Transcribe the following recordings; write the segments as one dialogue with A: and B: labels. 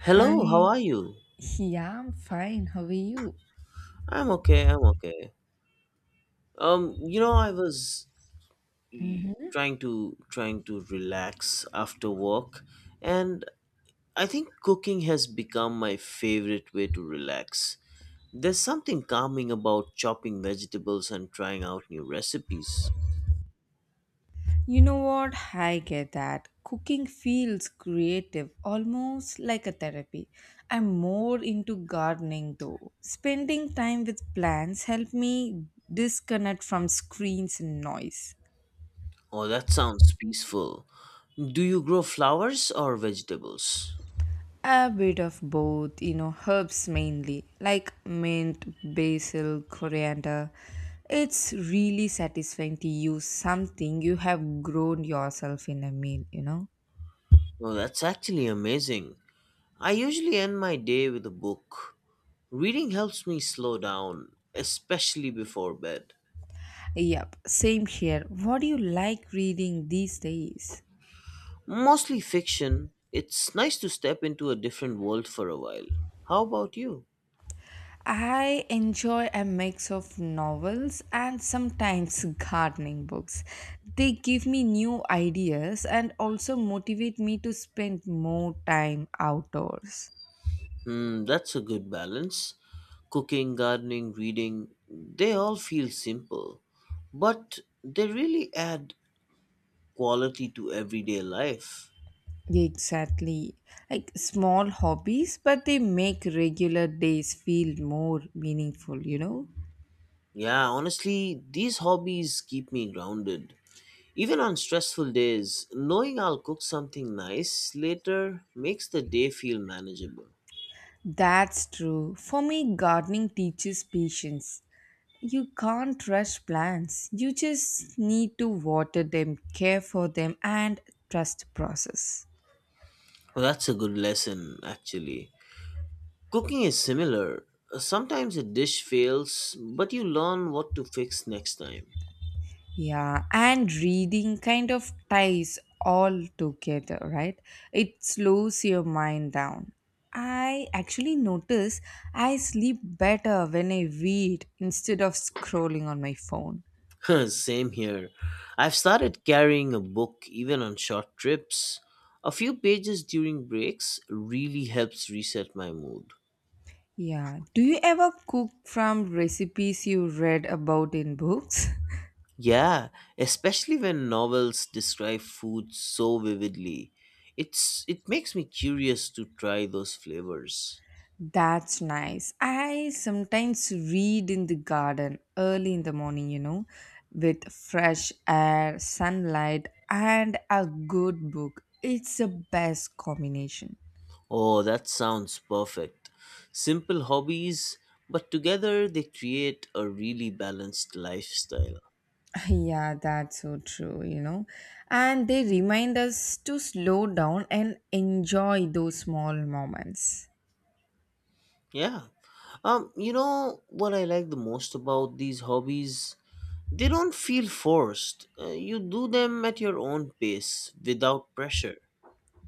A: Hello, how
B: Hi.
A: are you?
B: Yeah, I'm fine. How are you?
A: I'm okay, I'm okay. Um, you know, I was
B: Hmm.
A: trying to relax after work, and I think cooking has become my favorite way to relax. There's something calming about chopping vegetables and trying out new recipes.
B: You know what? I get that. Cooking feels creative, almost like a therapy. I'm more into gardening though. Spending time with plants help me disconnect from screens and noise.
A: Oh, that sounds peaceful. Do you grow flowers or vegetables?
B: A bit of both, you know, herbs mainly, like mint, basil, coriander. It's really satisfying to use something you have grown yourself in a meal, you know.
A: Oh, that's actually amazing. I usually end my day with a book. Reading helps me slow down, especially before bed.
B: Yep, same here. What do you like reading these days?
A: Mostly fiction, it's nice to step into a different world for a while. How about you?
B: I enjoy a mix of novels and sometimes gardening books. They give me new ideas and also motivate me to spend more time outdoors.
A: Hmm, that's a good balance. Cooking, gardening, reading, they all feel simple, but they really add quality to everyday life.
B: Exactly. Like small hobbies, but they make regular days feel more meaningful, you know?
A: Yeah, honestly, these hobbies keep me grounded. Even on stressful days, knowing I'll cook something nice later makes the day feel manageable.
B: That's true. For me, gardening teaches patience. You can't rush plants. You just need to water them, care for them, and trust the process.
A: Well, that's a good lesson, actually. Cooking is similar. Sometimes a dish fails, but you learn what to fix next time.
B: Yeah, and reading kind of ties all together, right? It slows your mind down. I actually notice I sleep better when I read instead of scrolling on my phone.
A: Same here. I've started carrying a book even on short trips. A few pages during breaks really helps reset my mood.
B: Yeah. Do you ever cook from recipes you read about in books?
A: Yeah, especially when novels describe food so vividly. It makes me curious to try those flavors.
B: That's nice. I sometimes read in the garden early in the morning, you know, with fresh air, sunlight, and a good book. It's the best combination.
A: Oh, that sounds perfect. Simple hobbies, but together they create a really balanced lifestyle.
B: Yeah, that's so true, you know. And they remind us to slow down and enjoy those small moments.
A: Yeah. You know what I like the most about these hobbies? They don't feel forced. You do them at your own pace without pressure.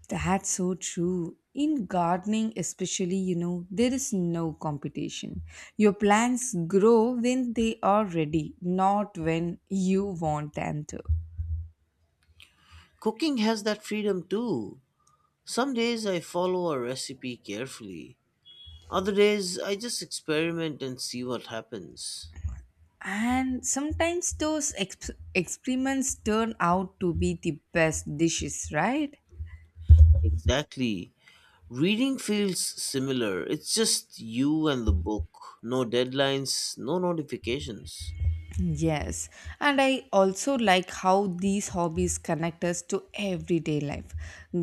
B: That's so true. In gardening, especially, you know, there is no competition. Your plants grow when they are ready, not when you want them to.
A: Cooking has that freedom too. Some days I follow a recipe carefully, other days I just experiment and see what happens.
B: And sometimes those experiments turn out to be the best dishes, right?
A: Exactly. Reading feels similar, it's just you and the book. No deadlines, no notifications.
B: Yes, and I also like how these hobbies connect us to everyday life.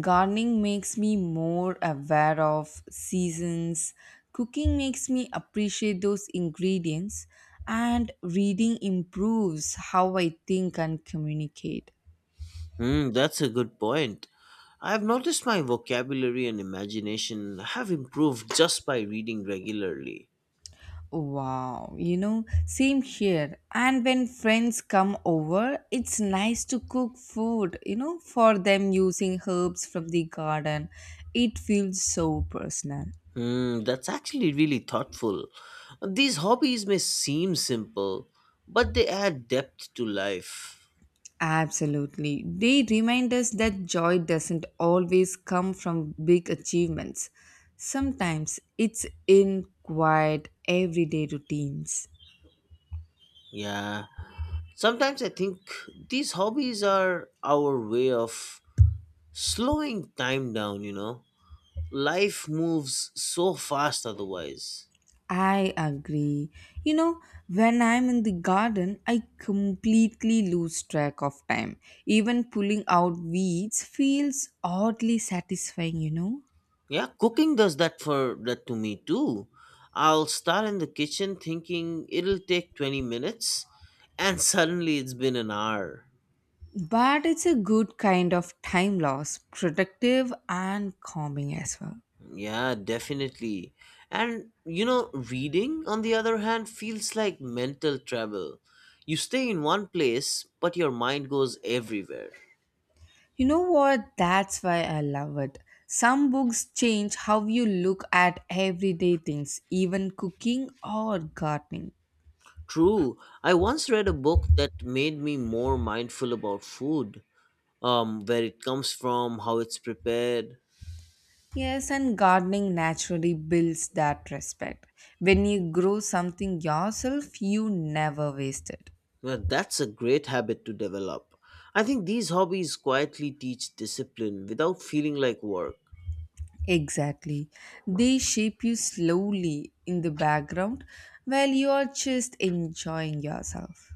B: Gardening makes me more aware of seasons, cooking makes me appreciate those ingredients, and reading improves how I think and communicate.
A: Hmm, that's a good point. I've noticed my vocabulary and imagination have improved just by reading regularly.
B: Wow, you know, same here. And when friends come over, it's nice to cook food, you know, for them using herbs from the garden. It feels so personal.
A: Hmm, that's actually really thoughtful. These hobbies may seem simple, but they add depth to life.
B: Absolutely. They remind us that joy doesn't always come from big achievements, sometimes it's in quiet, everyday routines.
A: Yeah. Sometimes I think these hobbies are our way of slowing time down, you know. Life moves so fast otherwise.
B: I agree. You know, when I'm in the garden, I completely lose track of time. Even pulling out weeds feels oddly satisfying, you know.
A: Yeah, cooking does that for that to me too. I'll start in the kitchen thinking it'll take 20 minutes and suddenly it's been an hour.
B: But it's a good kind of time loss, productive and calming as well.
A: Yeah, definitely. And you know, reading, on the other hand, feels like mental travel. You stay in one place, but your mind goes everywhere.
B: You know what? That's why I love it. Some books change how you look at everyday things, even cooking or gardening.
A: True, I once read a book that made me more mindful about food, where it comes from, how it's prepared.
B: Yes, and gardening naturally builds that respect. When you grow something yourself, you never waste it.
A: Well, that's a great habit to develop. I think these hobbies quietly teach discipline without feeling like work.
B: Exactly. They shape you slowly in the background while you are just enjoying yourself.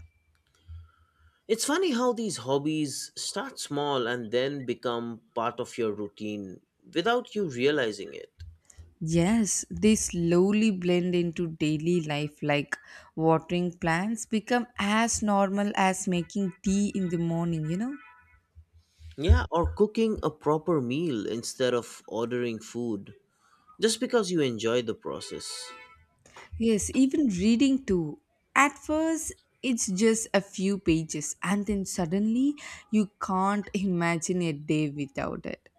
A: It's funny how these hobbies start small and then become part of your routine without you realizing it.
B: Yes, they slowly blend into daily life, like watering plants become as normal as making tea in the morning, you know?
A: Yeah, or cooking a proper meal instead of ordering food just because you enjoy the process.
B: Yes, even reading too. At first, it's just a few pages, and then suddenly you can't imagine a day without it.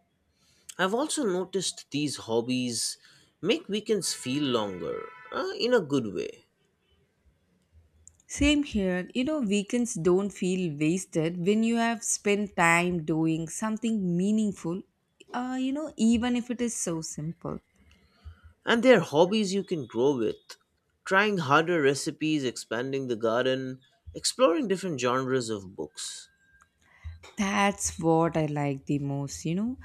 A: I've also noticed these hobbies make weekends feel longer in a good way.
B: Same here, you know, weekends don't feel wasted when you have spent time doing something meaningful, you know, even if it is so simple.
A: And they're hobbies you can grow with. Trying harder recipes, expanding the garden, exploring different genres of books.
B: That's what I like the most, you know.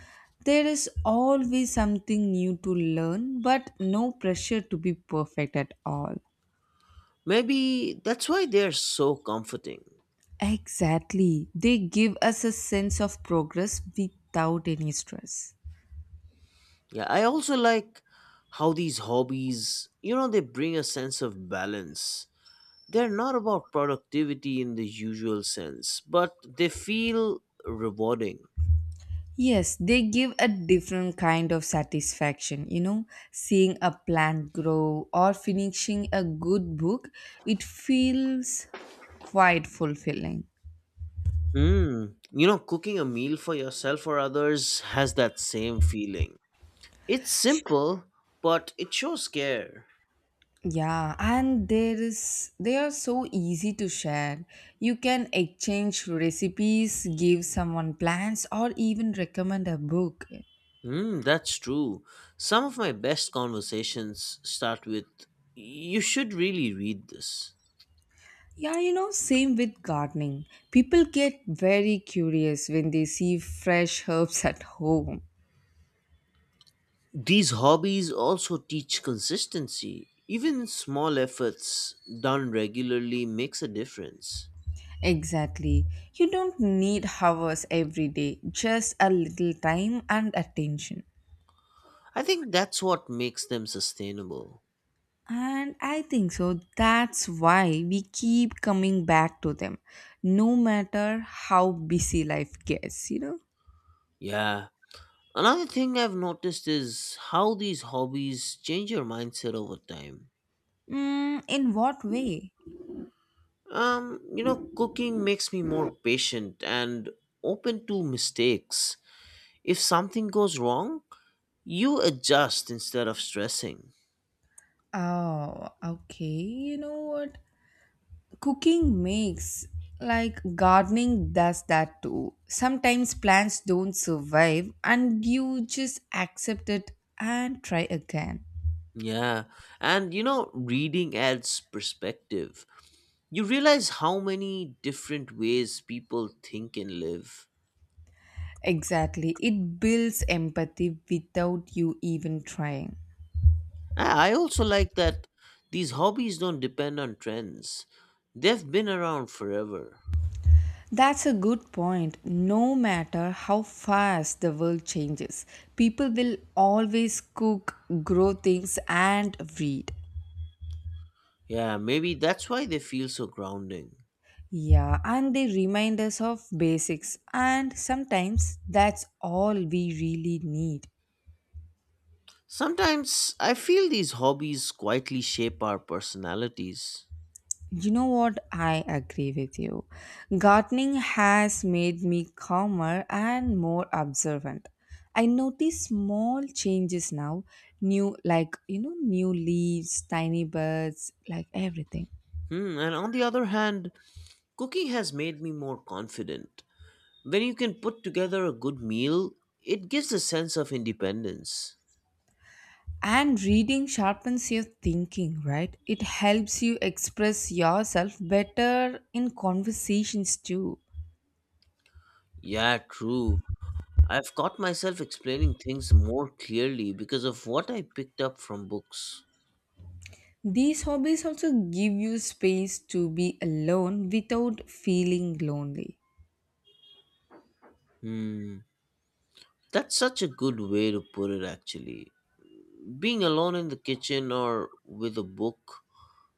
B: There is always something new to learn, but no pressure to be perfect at all.
A: Maybe that's why they're so comforting.
B: Exactly. They give us a sense of progress without any stress.
A: Yeah, I also like how these hobbies, you know, they bring a sense of balance. They're not about productivity in the usual sense, but they feel rewarding.
B: Yes, they give a different kind of satisfaction. You know, seeing a plant grow or finishing a good book, it feels quite fulfilling.
A: Mm. You know, cooking a meal for yourself or others has that same feeling. It's
B: Sh-
A: simple, but it shows care.
B: Yeah, and there is they are so easy to share. You can exchange recipes, give someone plants, or even recommend a book.
A: Mm, that's true. Some of my best conversations start with, "You should really read this."
B: Yeah, you know, same with gardening. People get very curious when they see fresh herbs at home.
A: These hobbies also teach consistency. Even small efforts done regularly makes a difference.
B: Exactly. You don't need hours every day, just a little time and attention.
A: I think that's what makes them sustainable.
B: And I think so. That's why we keep coming back to them, no matter how busy life gets, you know?
A: Yeah. Another thing I've noticed is how these hobbies change your mindset over time.
B: Mm, in what way?
A: You know, cooking makes me more patient and open to mistakes. If something goes wrong, you adjust instead of stressing.
B: Oh, okay. You know what? Cooking makes, like gardening does that too. Sometimes plants don't survive and you just accept it and try again.
A: Yeah. And you know, reading adds perspective. You realize how many different ways people think and live.
B: Exactly. It builds empathy without you even trying.
A: I also like that these hobbies don't depend on trends, they've been around forever.
B: That's a good point. No matter how fast the world changes, people will always cook, grow things, and read.
A: Yeah, maybe that's why they feel so grounding.
B: Yeah, and they remind us of basics, and sometimes that's all we really need.
A: Sometimes I feel these hobbies quietly shape our personalities.
B: You know what? I agree with you. Gardening has made me calmer and more observant. I notice small changes now, new, like, you know, new leaves, tiny birds, like everything.
A: Hmm, and on the other hand, cooking has made me more confident. When you can put together a good meal, it gives a sense of independence.
B: And reading sharpens your thinking, right? It helps you express yourself better in conversations too.
A: Yeah, true. I've caught myself explaining things more clearly because of what I picked up from books.
B: These hobbies also give you space to be alone without feeling lonely.
A: Hmm. That's such a good way to put it, actually. Being alone in the kitchen or with a book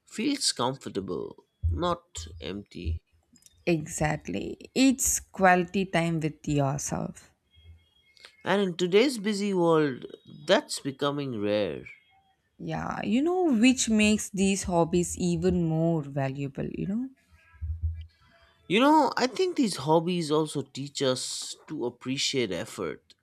A: feels comfortable, not empty.
B: Exactly. It's quality time with yourself.
A: And in today's busy world, that's becoming rare.
B: Yeah, you know, which makes these hobbies even more valuable, you know?
A: You know, I think these hobbies also teach us to appreciate effort,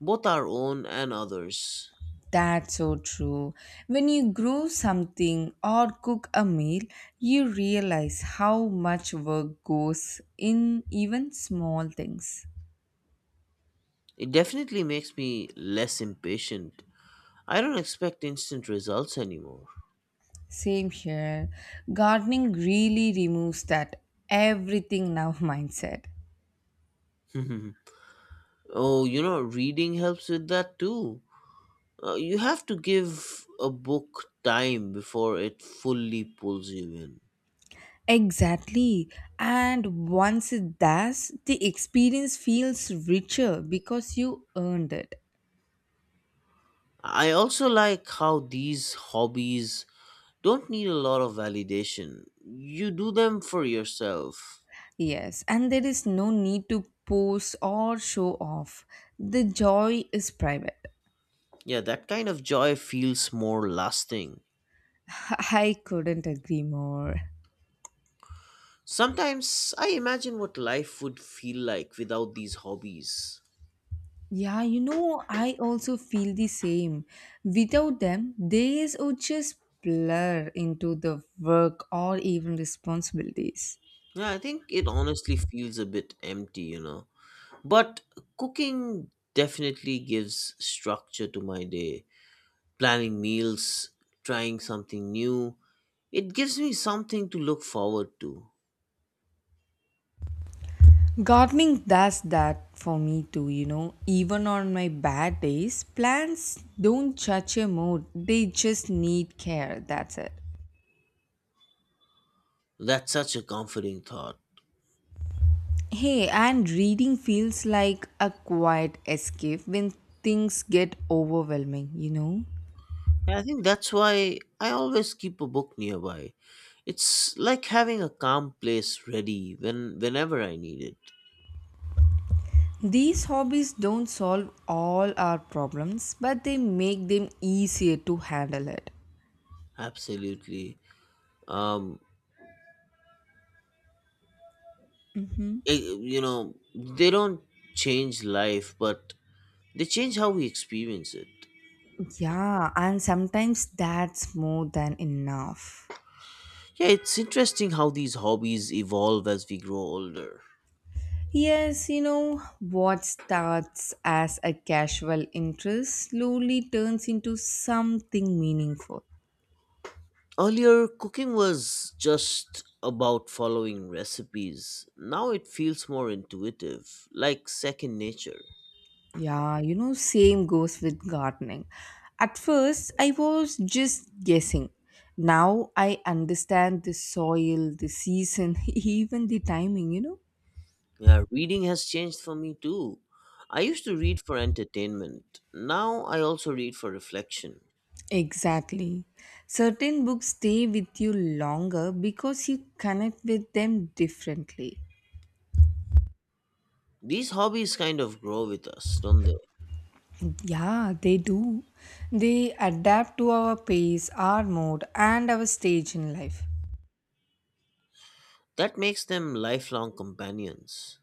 A: both our own and others.
B: That's so true. When you grow something or cook a meal, you realize how much work goes in even small things.
A: It definitely makes me less impatient. I don't expect instant results anymore.
B: Same here. Gardening really removes that everything now mindset.
A: Oh, you know, reading helps with that too. You have to give a book time before it fully pulls you in.
B: Exactly. And once it does, the experience feels richer because you earned it.
A: I also like how these hobbies don't need a lot of validation. You do them for yourself.
B: Yes, and there is no need to post or show off. The joy is private.
A: Yeah, that kind of joy feels more lasting.
B: I couldn't agree more.
A: Sometimes I imagine what life would feel like without these hobbies.
B: Yeah, you know, I also feel the same. Without them, days would just blur into the work or even responsibilities.
A: Yeah, I think it honestly feels a bit empty. But cooking definitely gives structure to my day. Planning meals, trying something new, it gives me something to look forward to.
B: Gardening does that for me too, you know. Even on my bad days, plants don't judge a mood, they just need care. That's it.
A: That's such a comforting thought.
B: Hey, and reading feels like a quiet escape when things get overwhelming, you know.
A: And I think that's why I always keep a book nearby. It's like having a calm place ready whenever I need it.
B: These hobbies don't solve all our problems, but they make them easier to handle it.
A: Absolutely. um
B: Hmm.
A: it, you know they don't change life, but they change how we experience it.
B: Yeah, and sometimes that's more than enough.
A: Yeah, it's interesting how these hobbies evolve as we grow older.
B: Yes, you know, what starts as a casual interest slowly turns into something meaningful.
A: Earlier, cooking was just about following recipes, now it feels more intuitive, like second nature.
B: Yeah, you know, same goes with gardening. At first, I was just guessing. Now I understand the soil, the season, even the timing, you know.
A: Yeah, reading has changed for me too. I used to read for entertainment, now I also read for reflection.
B: Exactly. Certain books stay with you longer because you connect with them differently.
A: These hobbies kind of grow with us, don't they?
B: Yeah, they do. They adapt to our pace, our mood, and our stage in life.
A: That makes them lifelong companions.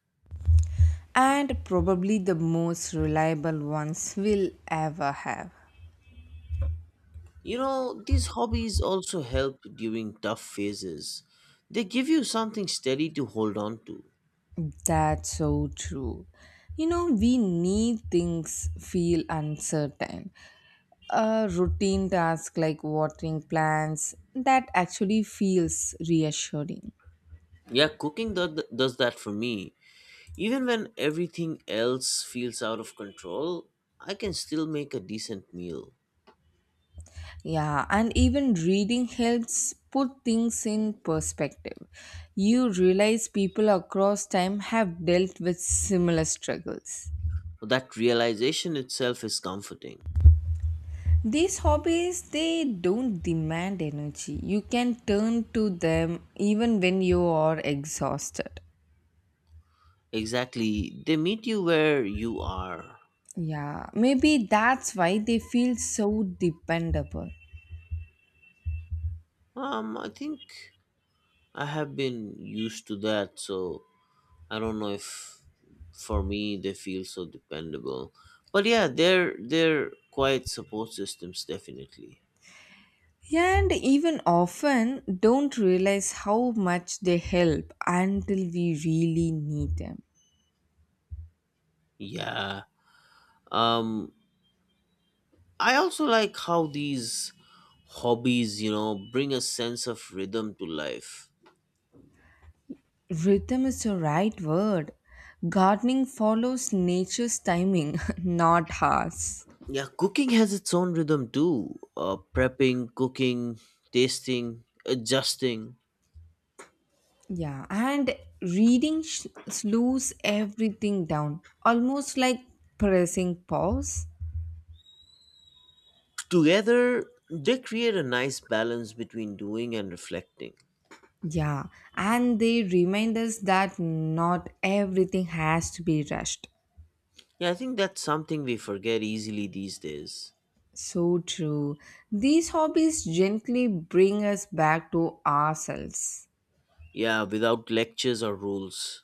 B: And probably the most reliable ones we'll ever have.
A: You know, these hobbies also help during tough phases. They give you something steady to hold on to.
B: That's so true. You know, we need things feel uncertain. A routine task like watering plants that actually feels reassuring.
A: Yeah, cooking does that for me. Even when everything else feels out of control, I can still make a decent meal.
B: Yeah, and even reading helps put things in perspective. You realize people across time have dealt with similar struggles.
A: That realization itself is comforting.
B: These hobbies they don't demand energy. You can turn to them even when you are exhausted.
A: Exactly, they meet you where you are.
B: Yeah, maybe that's why they feel so dependable.
A: I think I have been used to that, so I don't know if for me they feel so dependable. But yeah, they're quite support systems definitely.
B: And even often don't realize how much they help until we really need them.
A: Yeah. Um I also like how these hobbies, you know, bring a sense of rhythm to life.
B: Rhythm is the right word. Gardening follows nature's timing, not ours.
A: Yeah, cooking has its own rhythm too. Prepping, cooking, tasting, adjusting.
B: Yeah, and reading slows everything down, almost like pressing pause.
A: Together they create a nice balance between doing and reflecting.
B: Yeah, and they remind us that not everything has to be rushed.
A: Yeah, I think that's something we forget easily these days.
B: So true. These hobbies gently bring us back to ourselves.
A: Yeah, without lectures or rules.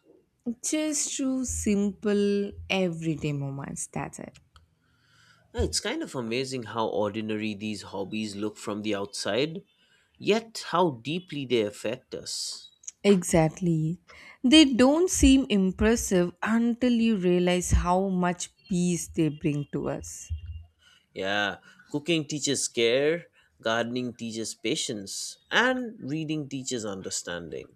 B: Just through simple, everyday moments. That's it.
A: Yeah, it's kind of amazing how ordinary these hobbies look from the outside, yet how deeply they affect us.
B: Exactly. They don't seem impressive until you realize how much peace they bring to us.
A: Yeah, cooking teaches care, gardening teaches patience, and reading teaches understanding.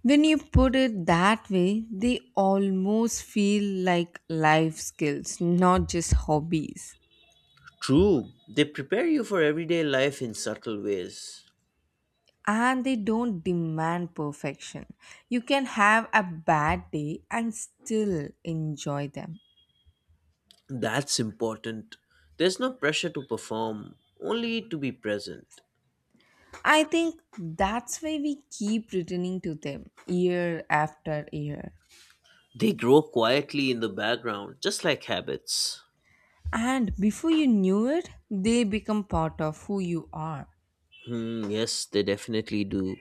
B: When you put it that way, they almost feel like life skills, not just hobbies.
A: True, they prepare you for everyday life in subtle ways.
B: And they don't demand perfection. You can have a bad day and still enjoy them.
A: That's important. There's no pressure to perform, only to be present.
B: I think that's why we keep returning to them year after year.
A: They grow quietly in the background, just like habits.
B: And before you knew it, they become part of who you are.
A: Hmm, yes, they definitely do.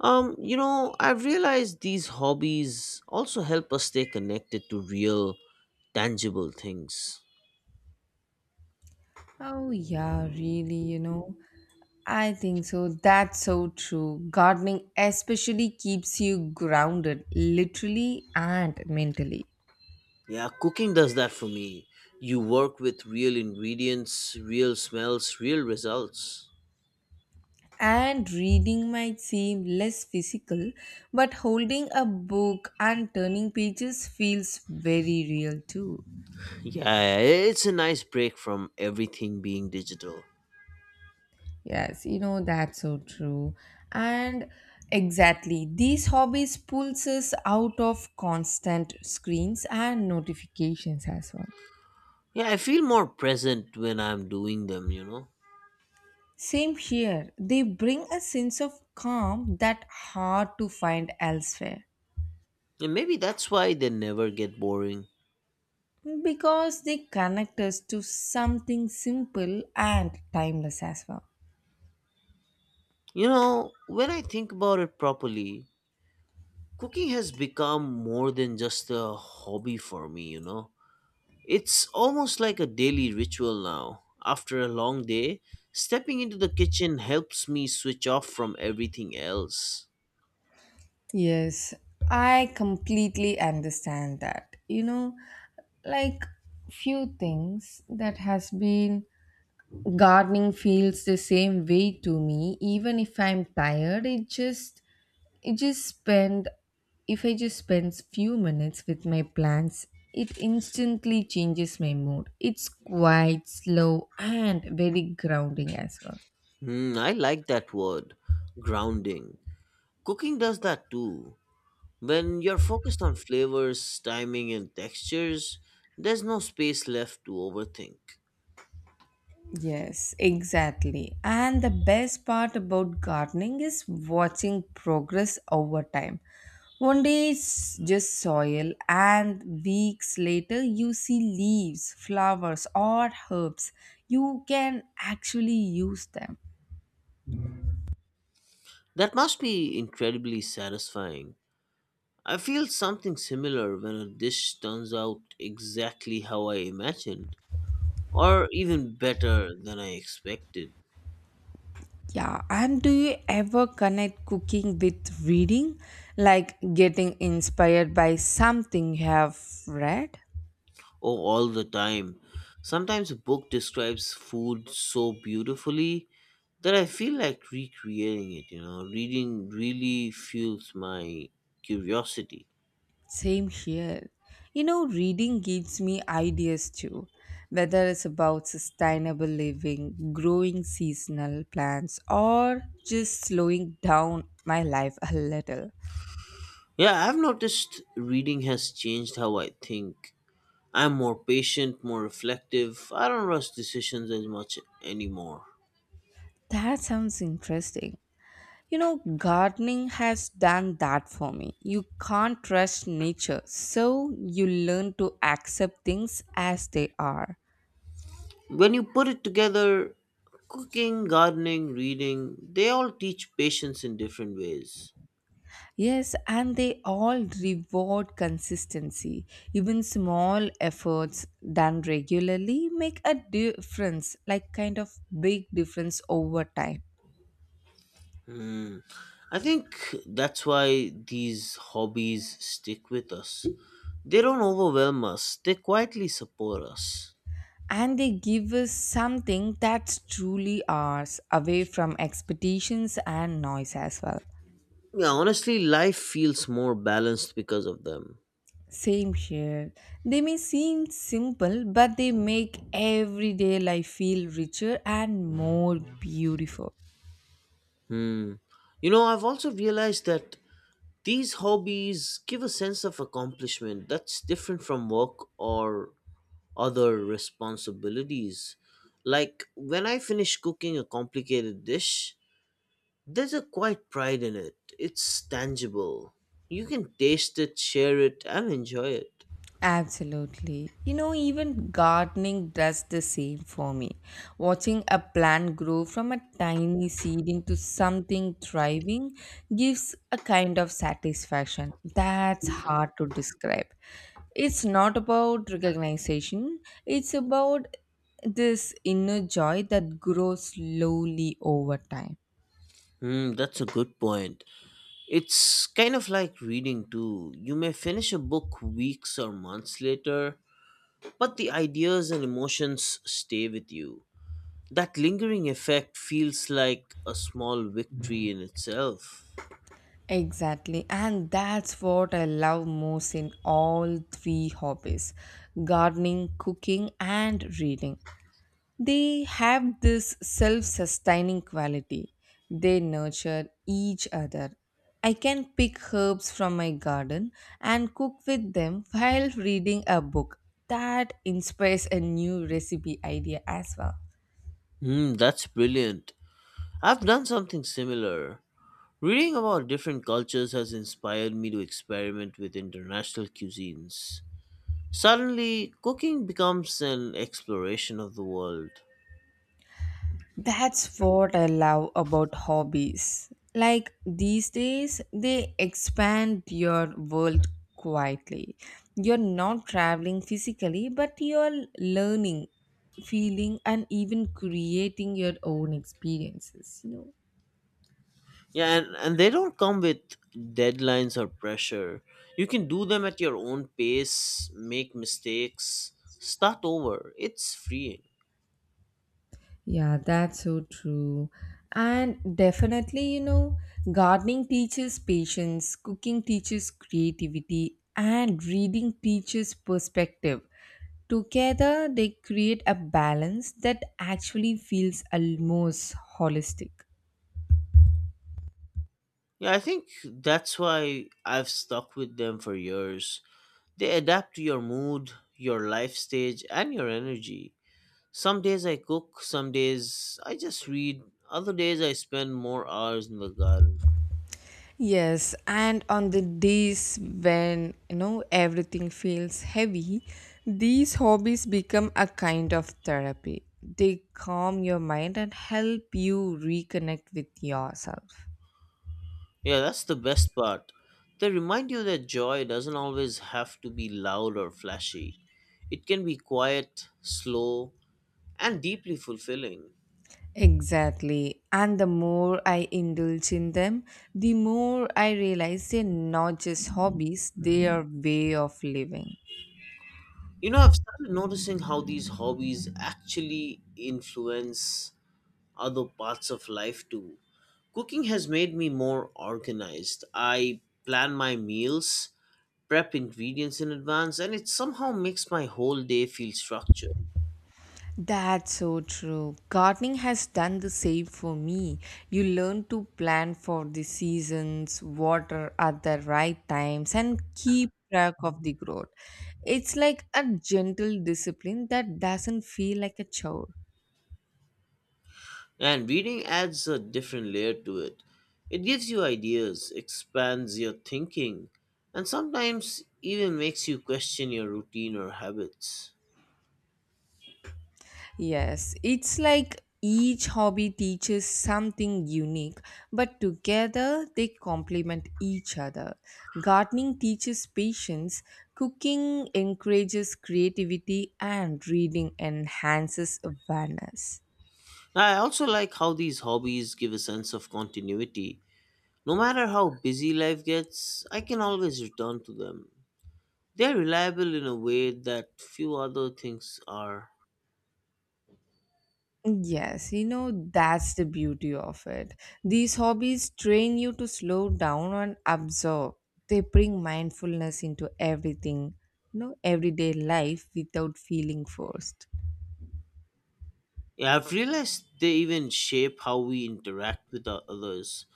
A: You know, I've realized these hobbies also help us stay connected to real, tangible things.
B: Oh, yeah, really, you know. I think so. That's so true. Gardening especially keeps you grounded, literally and mentally.
A: Yeah, cooking does that for me. You work with real ingredients, real smells, real results.
B: And reading might seem less physical, but holding a book and turning pages feels very real too.
A: Yeah, it's a nice break from everything being digital.
B: Yes, you know, that's so true. And exactly, these hobbies pulls us out of constant screens and notifications as well.
A: Yeah, I feel more present when I'm doing them, you know.
B: Same here. They bring a sense of calm that hard to find elsewhere
A: And maybe that's why they never get boring.
B: because they connect us to something simple and timeless as well.
A: You know, when I think about it properly, cooking has become more than just a hobby for me, you know. It's almost like a daily ritual now. After a long day, stepping into the kitchen helps me switch off from everything else.
B: Yes, I completely understand that. You know, like few things that has been gardening feels the same way to me. Even if I'm tired, it just I just spend if I just spend few minutes with my plants, it instantly changes my mood. It's quite slow and very grounding as well.
A: Hmm, I like that word, grounding. Cooking does that too. When you're focused on flavors, timing, and textures, there's no space left to overthink.
B: Yes, exactly. And the best part about gardening is watching progress over time. One day it's just soil, and weeks later, you see leaves, flowers, or herbs. You can actually use them.
A: That must be incredibly satisfying. I feel something similar when a dish turns out exactly how I imagined, or even better than I expected.
B: Yeah, and do you ever connect cooking with reading? Like getting inspired by something you have read?
A: Oh, all the time. Sometimes a book describes food so beautifully that I feel like recreating it, you know. Reading really fuels my curiosity.
B: Same here. You know, reading gives me ideas too, whether it's about sustainable living, growing seasonal plants, or just slowing down my life a little.
A: Yeah, I've noticed reading has changed how I think. I'm more patient, more reflective. I don't rush decisions as much anymore.
B: That sounds interesting. You know, gardening has done that for me. You can't trust nature, so you learn to accept things as they are.
A: When you put it together, cooking, gardening, reading, they all teach patience in different ways.
B: Yes, and they all reward consistency. Even small efforts done regularly make a difference, like kind of big difference over time.
A: Hmm. I think that's why these hobbies stick with us. They don't overwhelm us, they quietly support us.
B: And they give us something that's truly ours, away from expectations and noise as well.
A: Yeah, honestly, life feels more balanced because of them.
B: Same here. They may seem simple, but they make everyday life feel richer and more beautiful.
A: Hmm, you know, I've also realized that these hobbies give a sense of accomplishment that's different from work or other responsibilities. Like when I finish cooking a complicated dish, there's a quiet pride in it. It's tangible. You can taste it, share it, and enjoy it.
B: Absolutely. You know, even gardening does the same for me. Watching a plant grow from a tiny seed into something thriving gives a kind of satisfaction that's hard to describe. It's not about recognition, it's about this inner joy that grows slowly over time.
A: Hmm, that's a good point. It's kind of like reading too. You may finish a book weeks or months later, but the ideas and emotions stay with you. That lingering effect feels like a small victory in itself.
B: Exactly, and that's what I love most in all three hobbies: gardening, cooking, and reading. They have this self sustaining quality, they nurture each other. I can pick herbs from my garden and cook with them while reading a book. That inspires a new recipe idea as well.
A: Hmm, that's brilliant. I've done something similar. Reading about different cultures has inspired me to experiment with international cuisines. Suddenly, cooking becomes an exploration of the world.
B: That's what I love about hobbies. Like these days, they expand your world quietly. You're not traveling physically, but you're learning, feeling, and even creating your own experiences, you know.
A: Yeah, and they don't come with deadlines or pressure. You can do them at your own pace, make mistakes, start over. It's freeing.
B: Yeah, that's so true. And definitely, you know, gardening teaches patience, cooking teaches creativity, and reading teaches perspective. Together, they create a balance that actually feels almost holistic.
A: Yeah, I think that's why I've stuck with them for years. They adapt to your mood, your life stage, and your energy. Some days I cook, some days I just read, other days I spend more hours in the garden.
B: Yes, and on the days when you know everything feels heavy, these hobbies become a kind of therapy. They calm your mind and help you reconnect with yourself.
A: Yeah, that's the best part. They remind you that joy doesn't always have to be loud or flashy. It can be quiet, slow, and deeply fulfilling.
B: Exactly. And the more I indulge in them, the more I realize they're not just hobbies, they are way of living.
A: You know, I've started noticing how these hobbies actually influence other parts of life too. Cooking has made me more organized. I plan my meals, prep ingredients in advance, and it somehow makes my whole day feel structured.
B: That's so true. Gardening has done the same for me. You learn to plan for the seasons, water at the right times, and keep track of the growth. It's like a gentle discipline that doesn't feel like a chore.
A: And reading adds a different layer to it. It gives you ideas, expands your thinking, and sometimes even makes you question your routine or habits.
B: Yes, it's like each hobby teaches something unique, but together they complement each other. Gardening teaches patience, cooking encourages creativity, and reading enhances awareness.
A: I also like how these hobbies give a sense of continuity. No matter how busy life gets, I can always return to them. They're reliable in a way that few other things are.
B: Yes, you know, that's the beauty of it. These hobbies train you to slow down and observe. They bring mindfulness into everything, you know, everyday life without feeling forced.
A: Yeah, I've realized they even shape how we interact with others.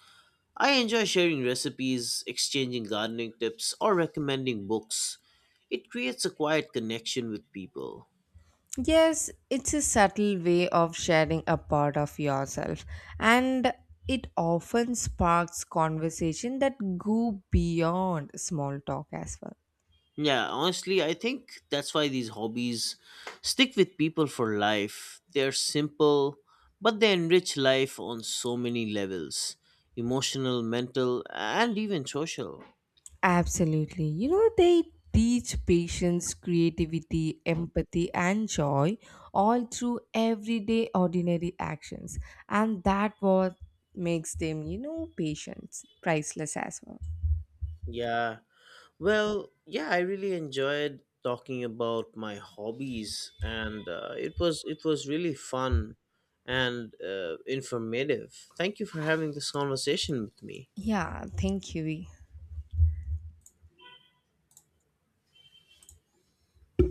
A: I enjoy sharing recipes, exchanging gardening tips, or recommending books. It creates a quiet connection with people.
B: Yes, it's a subtle way of sharing a part of yourself, and it often sparks conversation that go beyond small talk as well.
A: Yeah, honestly, I think that's why these hobbies stick with people for life. They're simple, but they enrich life on so many levels, emotional, mental, and even social.
B: Absolutely. You know, they teach patience, creativity, empathy, and joy all through everyday ordinary actions, and that what makes them, you know, patience priceless as well.
A: Yeah, well, yeah, I really enjoyed talking about my hobbies, and it was really fun and informative. Thank you for having this conversation with me.
B: Yeah, thank you.